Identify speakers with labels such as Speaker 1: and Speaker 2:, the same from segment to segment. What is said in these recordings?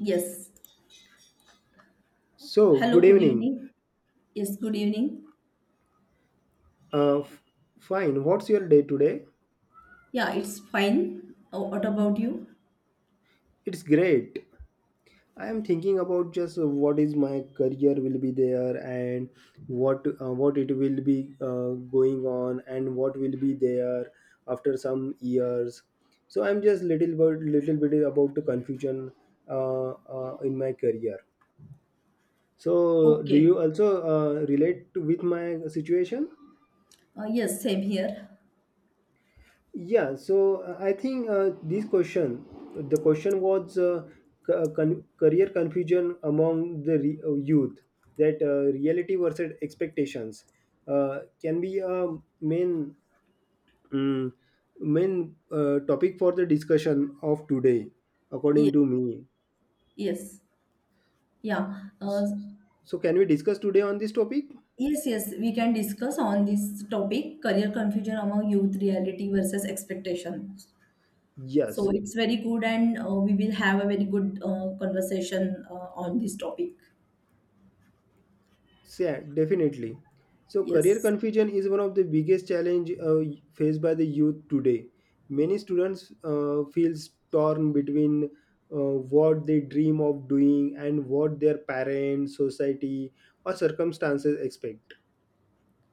Speaker 1: Yes.
Speaker 2: So, good
Speaker 1: Hello, good
Speaker 2: evening.
Speaker 1: evening. Yes, good evening.
Speaker 2: Uh, f- Fine. What's your day today?
Speaker 1: Yeah, it's fine. Oh, what about you?
Speaker 2: It's great. I am thinking about just what is my career will be there and what it will be going on and what will be there after some years. So I'm just little bit about the confusion uh, in my career. So do
Speaker 1: Okay.
Speaker 2: you also relate to, with my situation?
Speaker 1: Yes, same here.
Speaker 2: Yeah, so I think this question, the question was career confusion among the youth, that reality versus expectations can be a main mm, main topic for the discussion of today, according
Speaker 1: Yes,
Speaker 2: to me.
Speaker 1: yes. Yeah. Uh,
Speaker 2: S- So, can we discuss today on this topic?
Speaker 1: yes, yes, we can discuss on this topic, career confusion among youth, reality versus expectations. So
Speaker 2: Yes.
Speaker 1: it's very good and we will have a very good conversation on this topic.
Speaker 2: Yeah, definitely. So career
Speaker 1: Yes.
Speaker 2: confusion is one of the biggest challenge faced by the youth today. Many students feels torn between what they dream of doing and what their parents, society, or circumstances expect.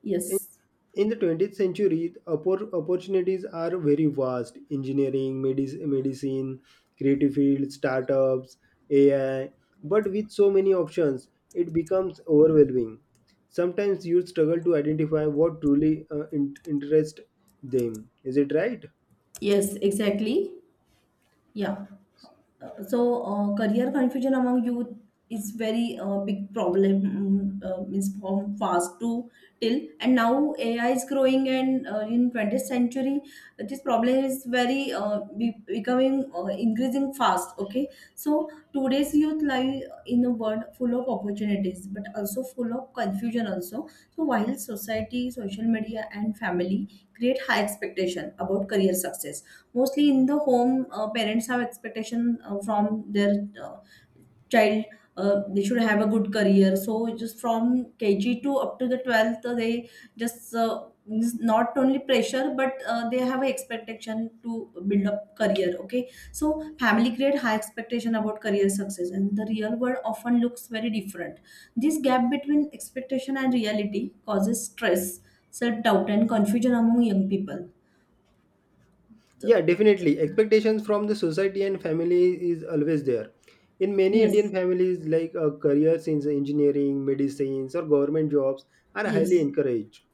Speaker 1: Yes.
Speaker 2: In the 20th century, the opportunities are very vast. Engineering, medicine, creative fields, startups, AI. But with so many options, it becomes overwhelming. Sometimes youth struggle to identify what truly interests them. Is it right?
Speaker 1: Yes, exactly. Yeah. So career confusion among youth is very big problem, is from fast to till, and now AI is growing, and in 20th century this problem is very becoming increasing fast. Okay, so today's youth live in a world full of opportunities but also full of confusion also. So while society, social media, and family create high expectation about career success, mostly in the home, parents have expectation from their uh, child, they should have a good career. So just from KG to up to the 12th, they just means not only pressure, but they have an expectation to build up career. Okay, so family create high expectation about career success, and the real world often looks very different. This gap between expectation and reality causes stress, self doubt, and confusion among young people.
Speaker 2: Yeah,
Speaker 1: So,
Speaker 2: definitely. Expectations from the society and family is always there. In many Indian
Speaker 1: yes,
Speaker 2: families, like careers in engineering, medicines, or government jobs are highly
Speaker 1: yes.
Speaker 2: encouraged.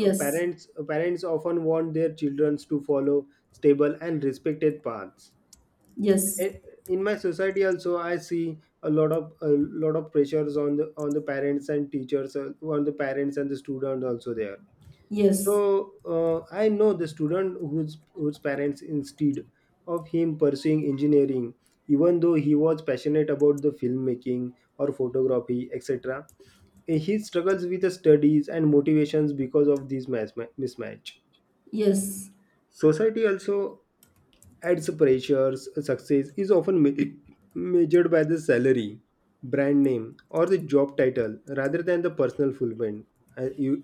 Speaker 2: Uh, parents uh, parents often want their children to follow stable and respected paths.
Speaker 1: yes,
Speaker 2: And in my society, also, I see a lot of pressures on the parents and teachers, on the parents and the students also there so
Speaker 1: yes,
Speaker 2: I know the student whose parents instead of him pursuing engineering, even though he was passionate about the filmmaking or photography, etc., he struggles with the studies and motivations because of this mismatch.
Speaker 1: yes.
Speaker 2: Society also adds pressures. Success is often measured by the salary, brand name, or the job title rather than the personal fulfillment. Uh, you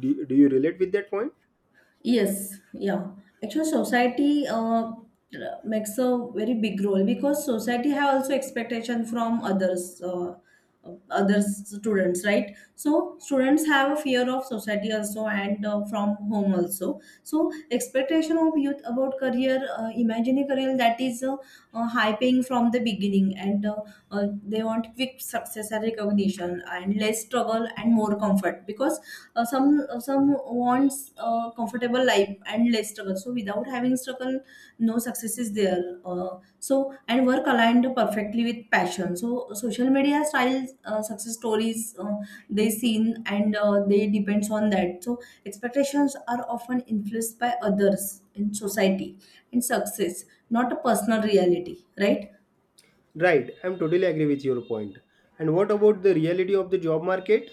Speaker 2: do you relate with that point?
Speaker 1: Yes, yeah. Actually, society makes a very big role because society have also expectation from others, other students, right? So students have a fear of society also, and from home also. So expectation of youth about career, imaginary career, that is hyping from the beginning, and they want quick success and recognition and less struggle and more comfort, because some some wants a comfortable life and less struggle. So without having struggle, no success is there, so. And work aligned perfectly with passion, so social media style success stories they seen, and they depends on that. So expectations are often influenced by others in society, and success not a personal reality, right?
Speaker 2: Right, I'm totally agree with your point. And what about the reality of the job market?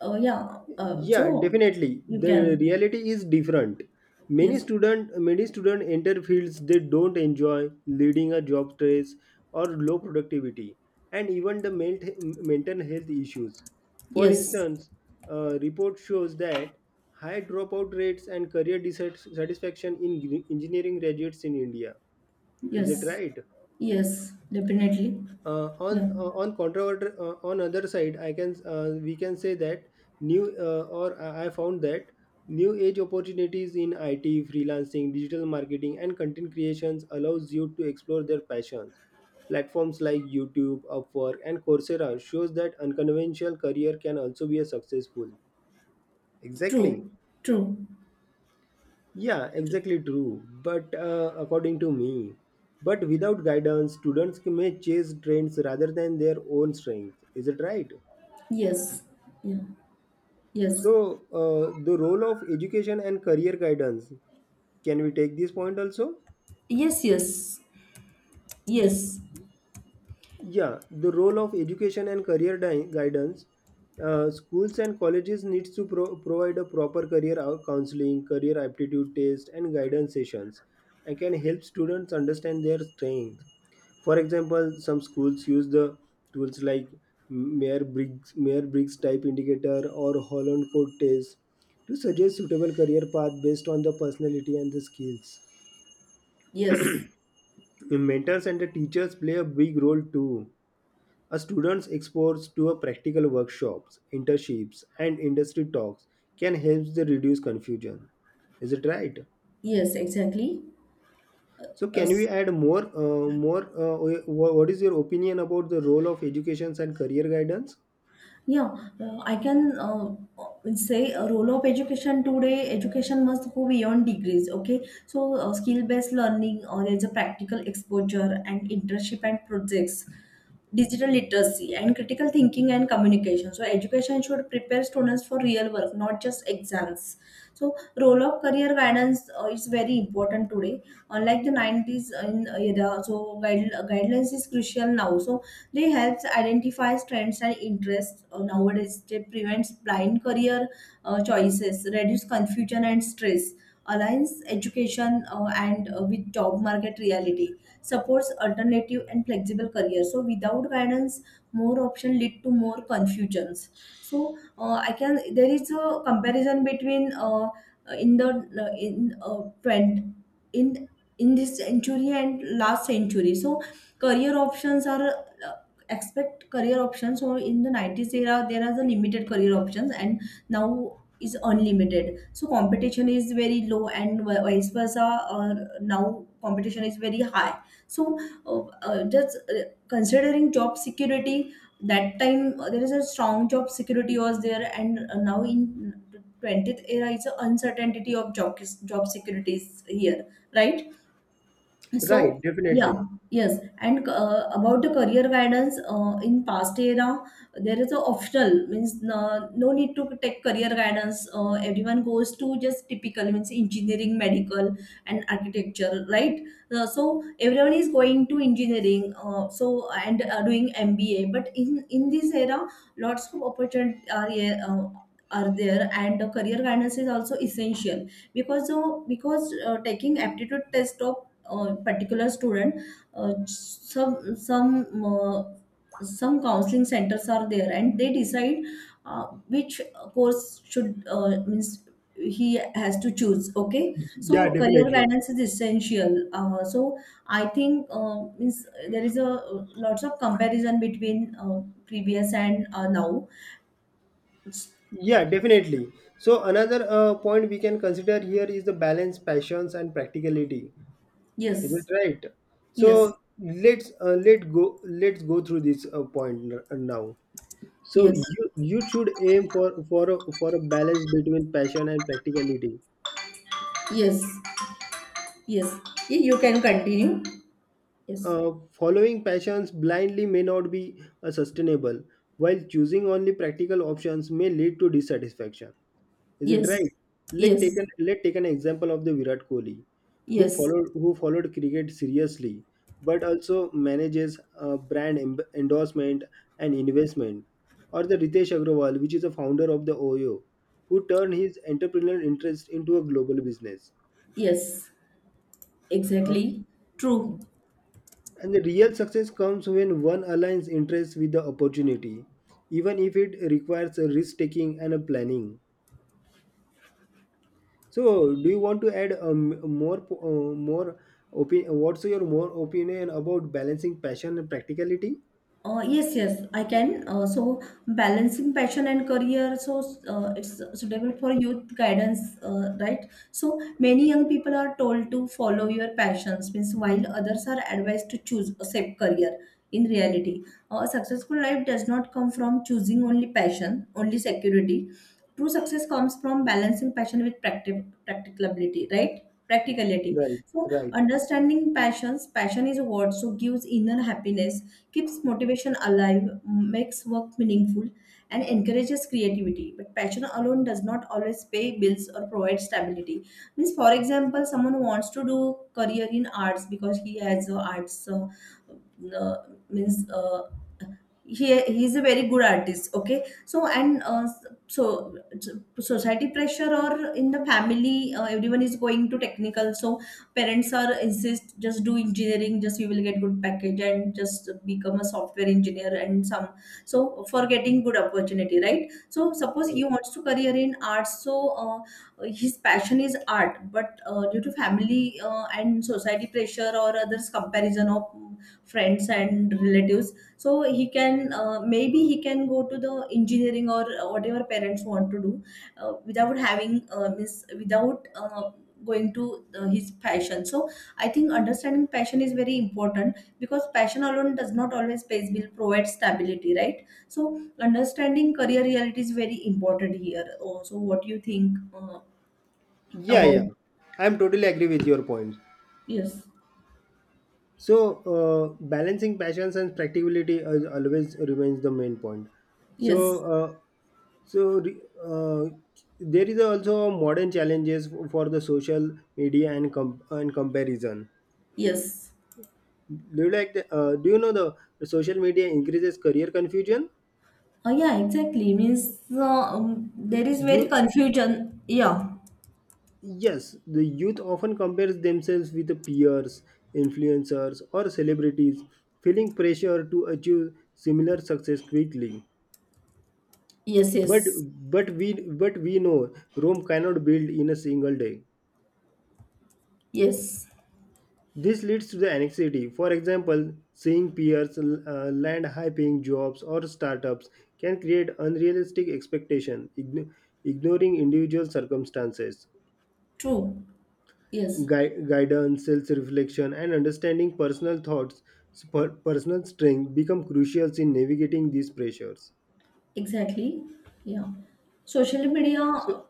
Speaker 1: Yeah
Speaker 2: Yeah,
Speaker 1: so
Speaker 2: definitely.
Speaker 1: you
Speaker 2: The
Speaker 1: can.
Speaker 2: reality is different. Many
Speaker 1: Yes,
Speaker 2: student many student enter fields they don't enjoy, leading a job stress or low productivity, and even the mental health issues. For
Speaker 1: yes.
Speaker 2: instance, a report shows that high dropout rates and career dissatisfaction in engineering graduates in India. Is it
Speaker 1: Yes,
Speaker 2: right?
Speaker 1: yes, definitely.
Speaker 2: uh, on
Speaker 1: Yeah,
Speaker 2: uh, on controvert uh, on other side I can we can say that new or I found that new age opportunities in it freelancing digital marketing and content creations allows you to explore their passions, platforms like YouTube, Upwork, and Coursera shows that unconventional career can also be a successful, exactly.
Speaker 1: true, true,
Speaker 2: Yeah,
Speaker 1: true.
Speaker 2: exactly true. But according to me, but without guidance, students may chase trends rather than their own strengths. Is it right?
Speaker 1: Yes, yeah, yes,
Speaker 2: So, the role of education and career guidance. Can we take this point also?
Speaker 1: yes, yes, yes,
Speaker 2: Yeah, the role of education and career guidance. Schools and colleges needs to provide a proper career counseling, career aptitude test, and guidance sessions, and can help students understand their strength. For example, some schools use the tools like Mayor Briggs, Mayor Briggs type indicator or Holland code test to suggest suitable career path based on the personality and the skills.
Speaker 1: yes,
Speaker 2: The mentors and the teachers play a big role too, a student's exposure to a practical workshops, internships, and industry talks can help to reduce confusion. Is it right?
Speaker 1: yes, exactly.
Speaker 2: So, can we
Speaker 1: Yes.
Speaker 2: add more? What is your opinion about the role of education and career guidance?
Speaker 1: Yeah, I can say a role of education today. Education must go beyond degrees. Okay, so skill-based learning, or there's a practical exposure and internship and projects, digital literacy and critical thinking and communication. So education should prepare students for real work, not just exams. So role of career guidance is very important today. Unlike the 90s in era, so guidelines is crucial now, so they helps identify trends and interests. Nowadays they prevents blind career choices, reduce confusion and stress, aligns education and with job market reality, supports alternative and flexible careers. So without guidance, more option lead to more confusions. So I can there is a comparison between in the in trend in in this century and last century. So career options are expect career options. So in the 90s era, there are the limited career options, and now is unlimited. So competition is very low, and vice versa. Or now competition is very high. So just considering job security, that time there is a strong job security was there, and now in 20th era it's a uncertainty of job, job securities here, right?
Speaker 2: Right,
Speaker 1: So, yeah,
Speaker 2: definitely.
Speaker 1: yes. And about the career guidance in past era, there is a optional, means no, no need to take career guidance. Everyone goes to just typical, means engineering, medical, and architecture, right? So everyone is going to engineering. So and Doing MBA. But in this era, lots of opportunity are here, are there, and the career guidance is also essential, because taking aptitude test of a particular student, uh, some some uh, some counseling centers are there and they decide which course should, means he has to choose. Okay,
Speaker 2: Yeah,
Speaker 1: so career
Speaker 2: definitely.
Speaker 1: guidance is essential, so I think, means there is a lots of comparison between previous and now.
Speaker 2: Yeah, definitely. So another point we can consider here is the balance, passions, and practicality. Is it
Speaker 1: Yes,
Speaker 2: right?
Speaker 1: yes,
Speaker 2: So let's go through this point now. So
Speaker 1: yes,
Speaker 2: you should aim for a balance between passion and practicality.
Speaker 1: yes, yes. Y- you can continue. Yes.
Speaker 2: Following passions blindly may not be sustainable, while choosing only practical options may lead to dissatisfaction. Is it right?
Speaker 1: Yes,
Speaker 2: Let take
Speaker 1: yes,
Speaker 2: an let take an example of the Virat Kohli, who
Speaker 1: yes,
Speaker 2: followed who followed cricket seriously, but also manages brand endorsement and investment, or the Ritesh Agrawal, which is a founder of the OYO, who turned his entrepreneurial interest into a global business.
Speaker 1: yes,
Speaker 2: Uh,
Speaker 1: exactly. True.
Speaker 2: and the real success comes when one aligns interests with the opportunity, even if it requires a risk taking and a planning. So, do you want to add more opinion? What's your more opinion about balancing passion and practicality?
Speaker 1: Yes, yes, I can. So balancing passion and career, so it's suitable for youth guidance, right? So many young people are told to follow your passions, means while others are advised to choose a safe career. In reality, a successful life does not come from choosing only passion, only security. True success comes from balancing passion with practicability, right? Practicality.
Speaker 2: Right,
Speaker 1: So
Speaker 2: right,
Speaker 1: understanding passions, passion is what so gives inner happiness, keeps motivation alive, makes work meaningful, and encourages creativity. But passion alone does not always pay bills or provide stability. Means, for example, someone wants to do career in arts because he has arts, uh, means, he he's a very good artist. Okay, so and so society pressure, or in the family everyone is going to technical. So parents are insist just do engineering, just you will get good package and just become a software engineer and some. So for getting good opportunity, right? So suppose he
Speaker 2: right.
Speaker 1: wants to career in arts, so uh, his passion is art, but due to family and society pressure or others comparison of friends and relatives, so he can, maybe he can go to the engineering or whatever parents want to do, without having, miss without going to his passion. So I think understanding passion is very important, because passion alone does not always pays bill, provide stability, right? So understanding career reality is very important here. Oh, so what do you think
Speaker 2: Yeah,
Speaker 1: about.
Speaker 2: yeah. I'm totally agree with your point.
Speaker 1: Yes,
Speaker 2: So, balancing passions and practicality is always remains the main point. So,
Speaker 1: yes,
Speaker 2: so re- uh, there is also modern challenges for the social media and and comparison.
Speaker 1: yes.
Speaker 2: Do you like do you know the social media increases career confusion?
Speaker 1: Yeah, exactly, means, there is very
Speaker 2: You
Speaker 1: confusion, yeah.
Speaker 2: Yes, the youth often compares themselves with the peers, influencers, or celebrities, feeling pressure to achieve similar success quickly.
Speaker 1: Yes,
Speaker 2: But
Speaker 1: yes,
Speaker 2: but we know Rome cannot build in a single day.
Speaker 1: yes.
Speaker 2: This leads to the anxiety. For example, seeing peers land high-paying jobs or startups can create unrealistic expectation, ignoring individual circumstances.
Speaker 1: True. Yes,
Speaker 2: Gui- guidance, self reflection, and understanding personal thoughts, personal strength become crucial in navigating these pressures.
Speaker 1: exactly. Yeah. Social media,
Speaker 2: So,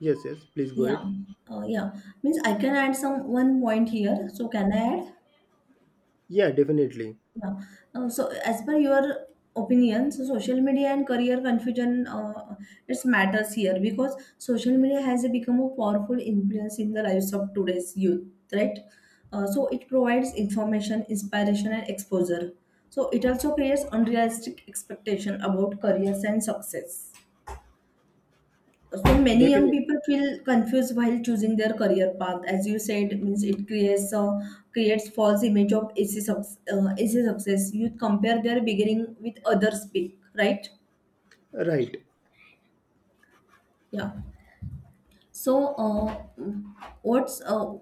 Speaker 2: yes, yes, please go
Speaker 1: yeah,
Speaker 2: ahead.
Speaker 1: yeah. Means I can add some one point here. So can I add?
Speaker 2: Yeah, definitely.
Speaker 1: Yeah. So, as per your opinion, so social media and career confusion, it matters here because social media has become a powerful influence in the lives of today's youth, right? So, it provides information, inspiration, and exposure. So, it also creates unrealistic expectation about careers and success. So many young
Speaker 2: Definitely.
Speaker 1: people feel confused while choosing their career path. As you said, means it creates creates false image of easy, suc easy success. You compare their beginning with others' peak, right?
Speaker 2: Right.
Speaker 1: Yeah. So, what's uh,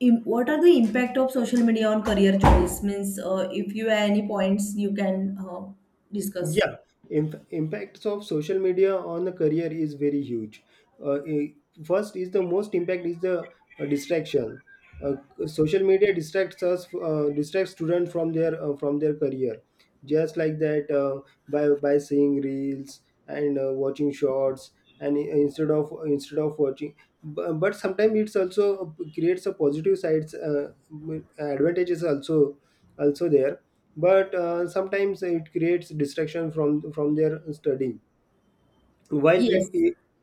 Speaker 1: what are the impact of social media on career choice? Means, if you have any points, you can discuss.
Speaker 2: Yeah, impacts of social media on the career is very huge. Uh, i- First is the most impact is the distraction. Uh, social media distracts us, distracts students from their career, just like that by seeing reels and watching shorts and instead of watching. But sometimes it's also creates a positive sides advantages also there but sometimes it creates distraction from their studying while
Speaker 1: Yes.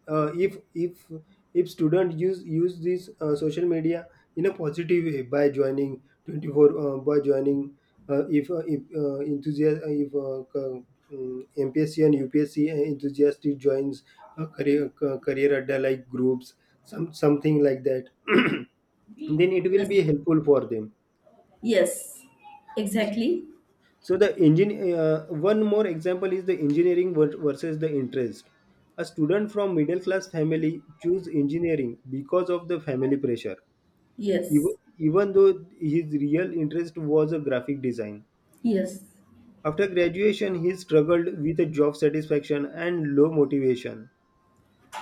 Speaker 2: uh, if if if student use this social media in a positive way by joining 24 by joining if enthusiast if c- MPSC and UPSC enthusiast joins a career career adda like groups, some something like that then it will
Speaker 1: Yes.
Speaker 2: be helpful for them.
Speaker 1: Yes. Exactly.
Speaker 2: So the one more example is the engineering versus the interest. A student from middle class family choose engineering because of the family pressure,
Speaker 1: Yes.
Speaker 2: even though his real interest was a graphic design.
Speaker 1: Yes.
Speaker 2: After graduation, he struggled with a job satisfaction and low motivation.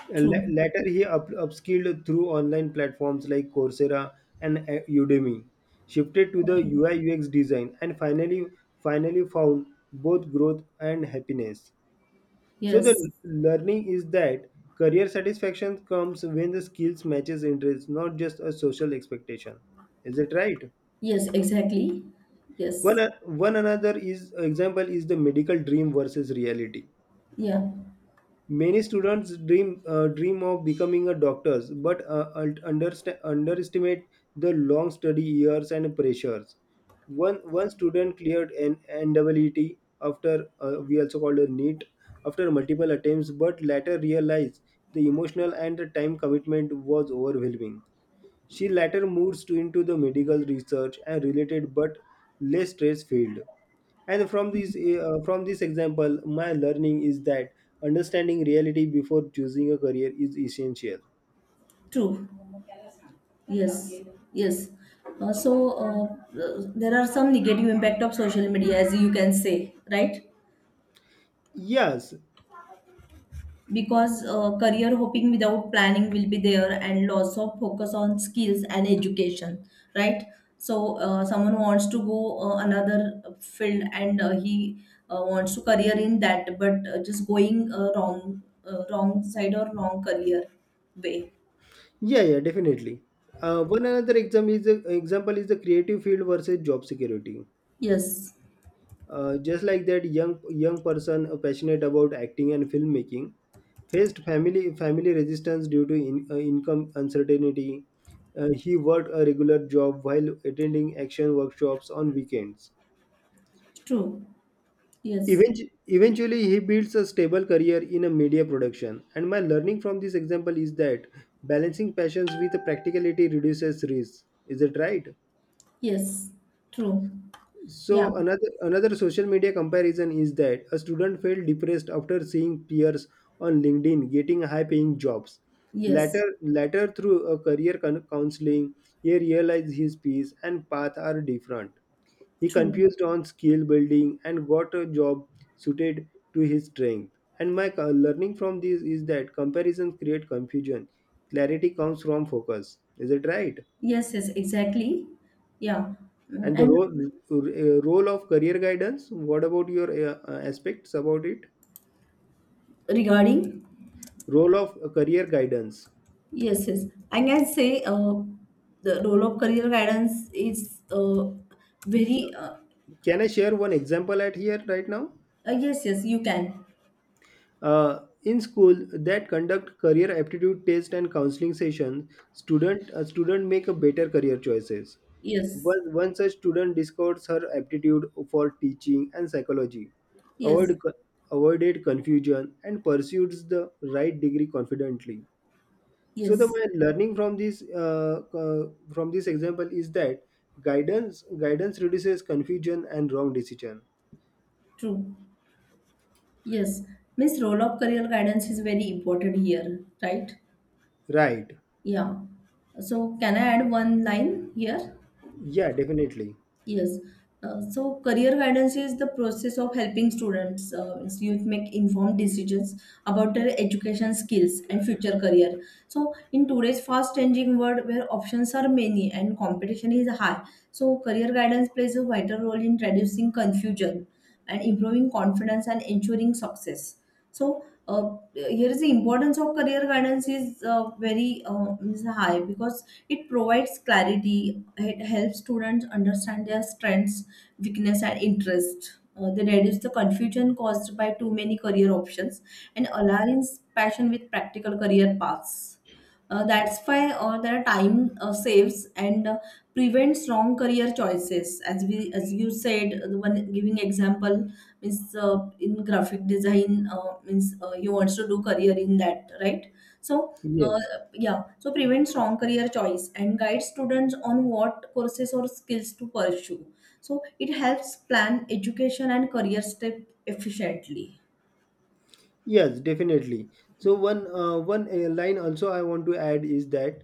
Speaker 1: True.
Speaker 2: Later, he upskilled through online platforms like Coursera and Udemy, shifted to the
Speaker 1: Okay.
Speaker 2: UI UX design, and finally found both growth and happiness. So the
Speaker 1: Yes.
Speaker 2: learning is that career satisfaction comes when the skills matches interest, not just a social expectation. Is it right?
Speaker 1: Yes, exactly. Yes.
Speaker 2: One, one another is example is the medical dream versus reality.
Speaker 1: Yeah.
Speaker 2: Many students dream of becoming a doctors, but underestimate the long study years and pressures. One student cleared an NEET, after we also called a NEET, after multiple attempts, but later realized the emotional and the time commitment was overwhelming. She later moves to into the medical research and related but less stress field. And from this example, my learning is that understanding reality before choosing a career is essential.
Speaker 1: True. Yes. Yes. Uh, so uh, there are some negative impact of social media, as you can say, right?
Speaker 2: Yes,
Speaker 1: Because career hoping without planning will be there, and loss of focus on skills and education, right? So someone wants to go another field, and he wants to career in that, but just going wrong side or wrong career way.
Speaker 2: yeah, yeah, definitely. One another example is the creative field versus job security.
Speaker 1: Yes,
Speaker 2: Just like that young person passionate about acting and filmmaking faced family resistance due to income uncertainty. He worked a regular job while attending action workshops on weekends.
Speaker 1: true. Yes,
Speaker 2: Eventually, he builds a stable career in a media production. And my learning from this example is that balancing passions with practicality reduces risk. Is it right?
Speaker 1: yes, true. Yeah,
Speaker 2: So another social media comparison is that a student felt depressed after seeing peers on LinkedIn getting high paying jobs.
Speaker 1: yes,
Speaker 2: Later through a career counseling, he realized his peers and path are different. He
Speaker 1: true.
Speaker 2: confused on skill building and got a job suited to his strength. And my learning from this is that comparison create confusion. Clarity comes from focus. Is it right?
Speaker 1: Yes, yes, exactly. Yeah, mm,
Speaker 2: And the
Speaker 1: and
Speaker 2: role of career guidance. What about your aspects about it?
Speaker 1: regarding,
Speaker 2: Role of career guidance.
Speaker 1: yes, yes, I can say the role of career guidance is very, uh,
Speaker 2: Can I share one example at here right now?
Speaker 1: yes, yes, you can.
Speaker 2: In school that conduct career aptitude test and counseling sessions, student a student make a better career choices.
Speaker 1: Yes,
Speaker 2: One such student discovers her aptitude for teaching and psychology,
Speaker 1: yes,
Speaker 2: avoid, avoided confusion and pursues the right degree confidently. So the
Speaker 1: yes,
Speaker 2: my learning from this example is that guidance reduces confusion and wrong decision.
Speaker 1: true. Yes, means role of career guidance is very important here, right?
Speaker 2: Right.
Speaker 1: Yeah. So, can I add one line here?
Speaker 2: Yeah, definitely.
Speaker 1: Yes. So, career guidance is the process of helping students, means youth make informed decisions about their education, skills, and future career. So, in today's fast-changing world where options are many and competition is high, so career guidance plays a vital role in reducing confusion and improving confidence and ensuring success. So here is the importance of career guidance is very is high because it provides clarity. It helps students understand their strengths, weakness, and interest. They reduce the confusion caused by too many career options and aligns passion with practical career paths. That's why, their time saves, and prevents wrong career choices. As we, as you said, the one giving example, means in graphic design, means you wants to do career in that, right? So uh,
Speaker 2: Yes.
Speaker 1: yeah, so prevents wrong career choice and guides students on what courses or skills to pursue. So it helps plan education and career step efficiently.
Speaker 2: Yes, definitely. So one line also I want to add is that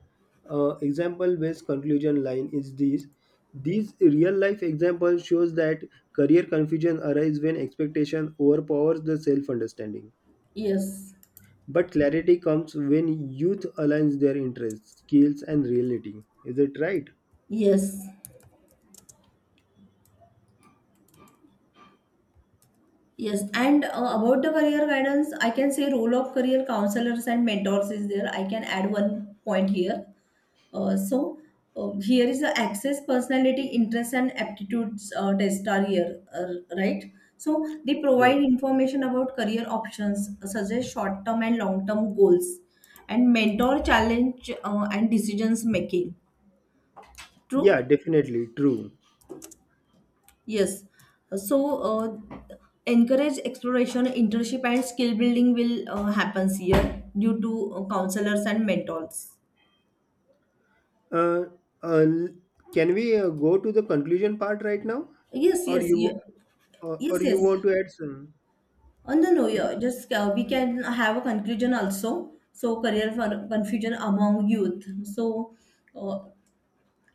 Speaker 2: example based conclusion line is this. These real life example shows that career confusion arises when expectation overpowers the self understanding.
Speaker 1: Yes.
Speaker 2: But clarity comes when youth aligns their interests, skills, and reality. Is it right?
Speaker 1: Yes. Yes, and about the career guidance, I can say role of career counselors and mentors is there. I can add one point here. Uh, so Here is the access personality, interests, and aptitudes test are here, right? So they provide
Speaker 2: Right.
Speaker 1: information about career options, suggest short-term and long-term goals, and mentor challenge and decisions making.
Speaker 2: Yeah,
Speaker 1: True.
Speaker 2: definitely. True.
Speaker 1: Yes. So, encourage exploration, internship, and skill building will happens here due to counselors and mentors.
Speaker 2: Uh, uh, can we go to the conclusion part right now,
Speaker 1: Yes,
Speaker 2: or
Speaker 1: yes, yeah.
Speaker 2: you, or
Speaker 1: Yes,
Speaker 2: you
Speaker 1: yes.
Speaker 2: want to add some?
Speaker 1: Oh, no, no, yeah. Just we can have a conclusion also. So, career for confusion among youth. So, uh,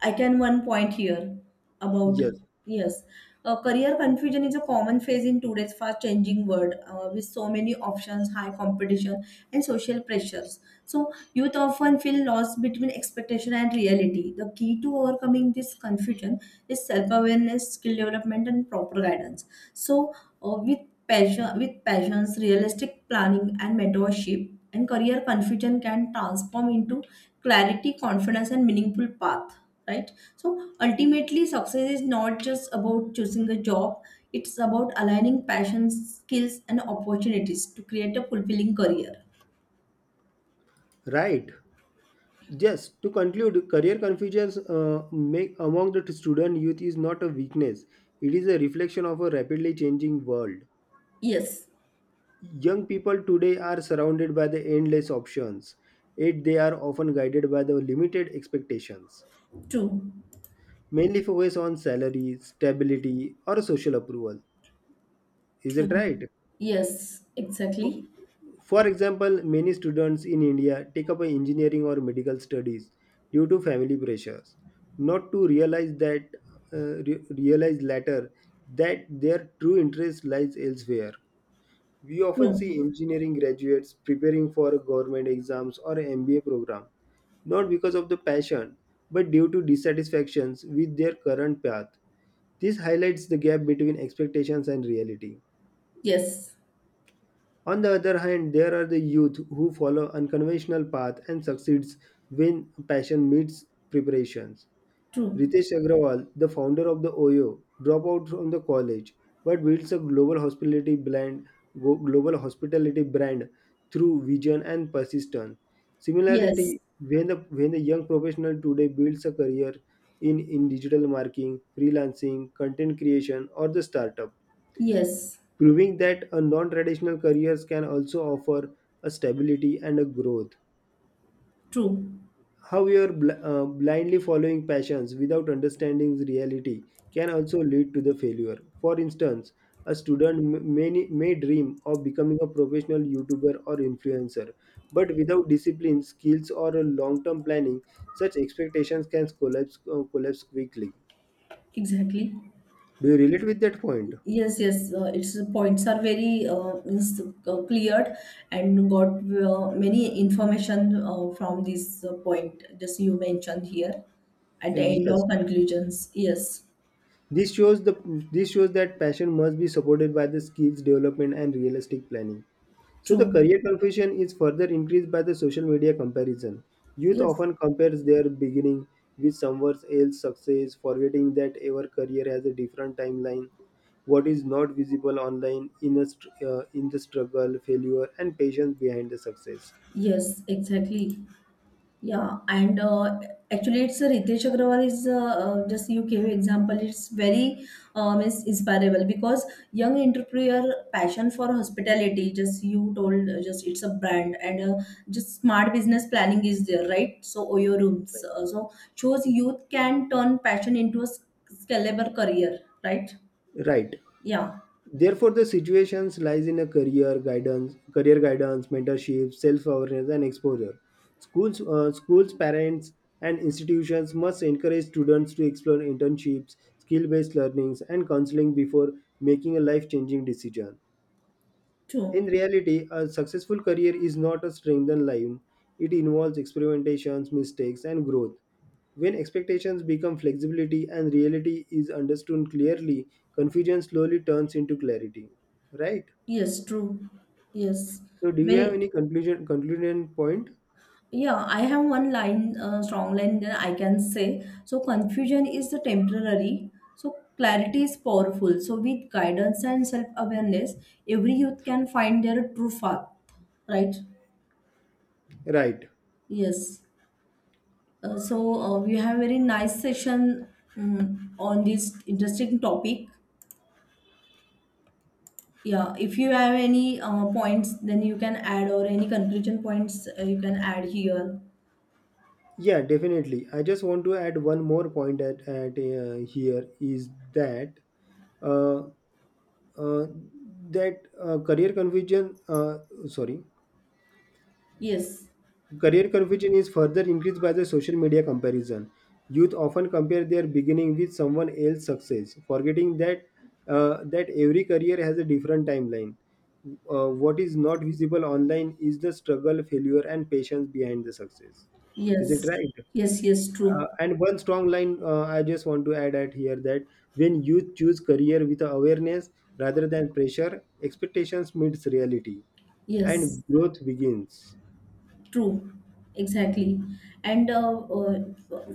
Speaker 1: I can one point here about,
Speaker 2: Yes.
Speaker 1: yes, career confusion is a common phase in today's fast-changing world with so many options, high competition, and social pressures. So youth often feel lost between expectation and reality. The key to overcoming this confusion is self-awareness, skill development, and proper guidance. So uh, with with passions, realistic planning, and mentorship, and career confusion can transform into clarity, confidence, and meaningful path, right? So ultimately success is not just about choosing a job, it's about aligning passions, skills, and opportunities to create a fulfilling career.
Speaker 2: Right. Yes. To conclude, career confusions make among the student youth is not a weakness. It is a reflection of a rapidly changing world.
Speaker 1: Yes.
Speaker 2: Young people today are surrounded by the endless options, yet they are often guided by the limited expectations,
Speaker 1: True.
Speaker 2: mainly focus on salary, stability, or social approval. Is
Speaker 1: True.
Speaker 2: it right?
Speaker 1: Yes,
Speaker 2: For,
Speaker 1: exactly.
Speaker 2: for example, many students in India take up engineering or medical studies due to family pressures, not to realize that realize later that their true interest lies elsewhere. We often
Speaker 1: True.
Speaker 2: see engineering graduates preparing for government exams or MBA program, not because of the passion, but due to dissatisfactions with their current path. This highlights the gap between expectations and reality.
Speaker 1: Yes.
Speaker 2: On the other hand, there are the youth who follow unconventional path and succeeds when passion meets preparations.
Speaker 1: True.
Speaker 2: Ritesh Agrawal, the founder of the OYO, dropped out from the college but builds a global hospitality brand, global hospitality brand through vision and persistence.
Speaker 1: Yes,
Speaker 2: Similarity, when the young professional today builds a career in digital marketing, freelancing, content creation, or the startup,
Speaker 1: yes.
Speaker 2: proving that a non-traditional careers can also offer a stability and a growth.
Speaker 1: True,
Speaker 2: How you're blindly following passions without understanding reality can also lead to the failure. For instance, a student may dream of becoming a professional YouTuber or influencer, but without discipline, skills, or a long-term planning, such expectations can collapse, collapse quickly.
Speaker 1: exactly.
Speaker 2: Do you relate with that point?
Speaker 1: Yes, yes, its points are very means, cleared and got many information from this point just you mentioned here at the end
Speaker 2: Yes.
Speaker 1: of conclusions. Yes,
Speaker 2: This shows the this shows that passion must be supported by the skills development and realistic planning. So the
Speaker 1: true.
Speaker 2: career confusion is further increased by the social media comparison. Youth
Speaker 1: Yes,
Speaker 2: often compares their beginning with someone else's success, forgetting that our career has a different timeline. What is not visible online in, in the struggle, failure, and patience behind the success.
Speaker 1: yes, exactly. Yeah, and actually, it's Ritesh Agrawal is just you gave example. It's very is inspirable because young entrepreneur passion for hospitality. Just you told, just it's a brand and just smart business planning is there, right? So Oyo rooms. So shows youth can turn passion into a scalable career, right?
Speaker 2: Right.
Speaker 1: Yeah,
Speaker 2: Therefore, the situations lies in a career guidance, mentorship, self-awareness, and exposure. Schools, parents, and institutions must encourage students to explore internships, skill-based learnings, and counseling before making a life-changing decision.
Speaker 1: true.
Speaker 2: In reality, a successful career is not a straightened line. It involves experimentations, mistakes, and growth. When expectations become flexibility and reality is understood clearly, confusion slowly turns into clarity. Right?
Speaker 1: Yes, true. Yes,
Speaker 2: So, do you have
Speaker 1: very.
Speaker 2: any conclusion concluding point?
Speaker 1: Yeah, I have one line, strong line that I can say. So confusion is the temporary. So clarity is powerful. So with guidance and self-awareness, every youth can find their true path. Right?
Speaker 2: Right.
Speaker 1: Yes. So we have very nice session on this interesting topic. Yeah. If you have any points, then you can add or any conclusion points you can add here.
Speaker 2: Yeah, definitely. I just want to add one more point at here is that uh, uh, career confusion. Sorry,
Speaker 1: Yes.
Speaker 2: Career confusion is further increased by the social media comparison. Youth often compare their beginning with someone else's success, forgetting that that every career has a different timeline. What is not visible online is the struggle, failure, and patience behind the success. Is it
Speaker 1: Yes.
Speaker 2: right?
Speaker 1: Yes. Yes. True.
Speaker 2: And one strong line I just want to add at here that when youth choose career with awareness rather than pressure, expectations meets reality
Speaker 1: Yes.
Speaker 2: and growth begins.
Speaker 1: True, exactly. And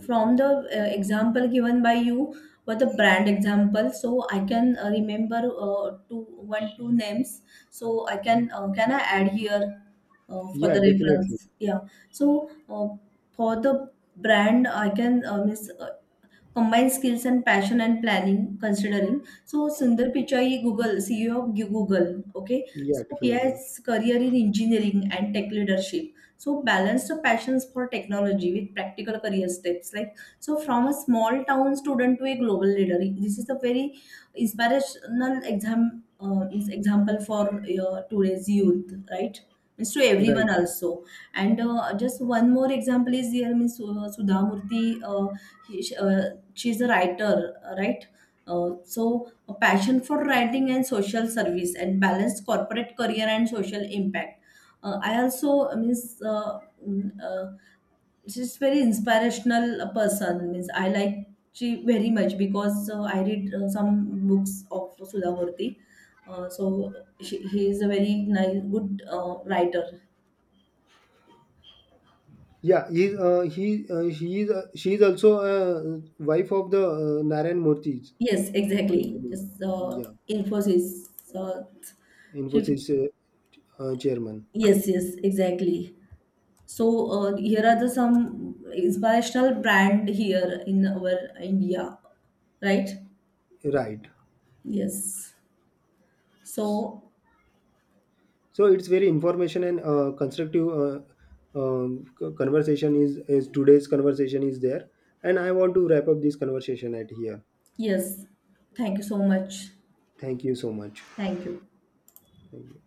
Speaker 1: from the example given by you for the brand example, so I can remember two one two names. So I can I add here for
Speaker 2: Yeah,
Speaker 1: the
Speaker 2: definitely.
Speaker 1: reference? Yeah. So for the brand, I can miss. Combine skills and passion and planning considering, so Sundar Pichai, Google, CEO of Google. Okay.
Speaker 2: Yeah,
Speaker 1: So he
Speaker 2: definitely.
Speaker 1: has career in engineering and tech leadership, so balance the passions for technology with practical career steps, like, so from a small town student to a global leader, this is a very inspirational exam is example for today's youth, right? Means to
Speaker 2: Right.
Speaker 1: everyone also. And just one more example is here, means Sudhamurthy. uh, he- sh- uh, she's a writer, right? So a passion for writing and social service, and balanced corporate career and social impact. I also means mm, uh, she's very inspirational person, means I like she very much because I read some books of Sudha Murthy. So she, he is a very nice good writer.
Speaker 2: Yeah, he she is also wife of the Narayan Murthy,
Speaker 1: Yes,
Speaker 2: according to
Speaker 1: exactly.
Speaker 2: me.
Speaker 1: Yes. uh,
Speaker 2: Yeah,
Speaker 1: Infosys. uh, she.
Speaker 2: Infosys chairman.
Speaker 1: Yes, yes, exactly. So here are the some inspirational brand here in our India, right?
Speaker 2: Right.
Speaker 1: Yes. So
Speaker 2: So it's very information and constructive conversation is today's conversation is there, and I want to wrap up this conversation at here.
Speaker 1: yes, thank you so much.
Speaker 2: Thank you so much.
Speaker 1: Thank you.
Speaker 2: Thank you.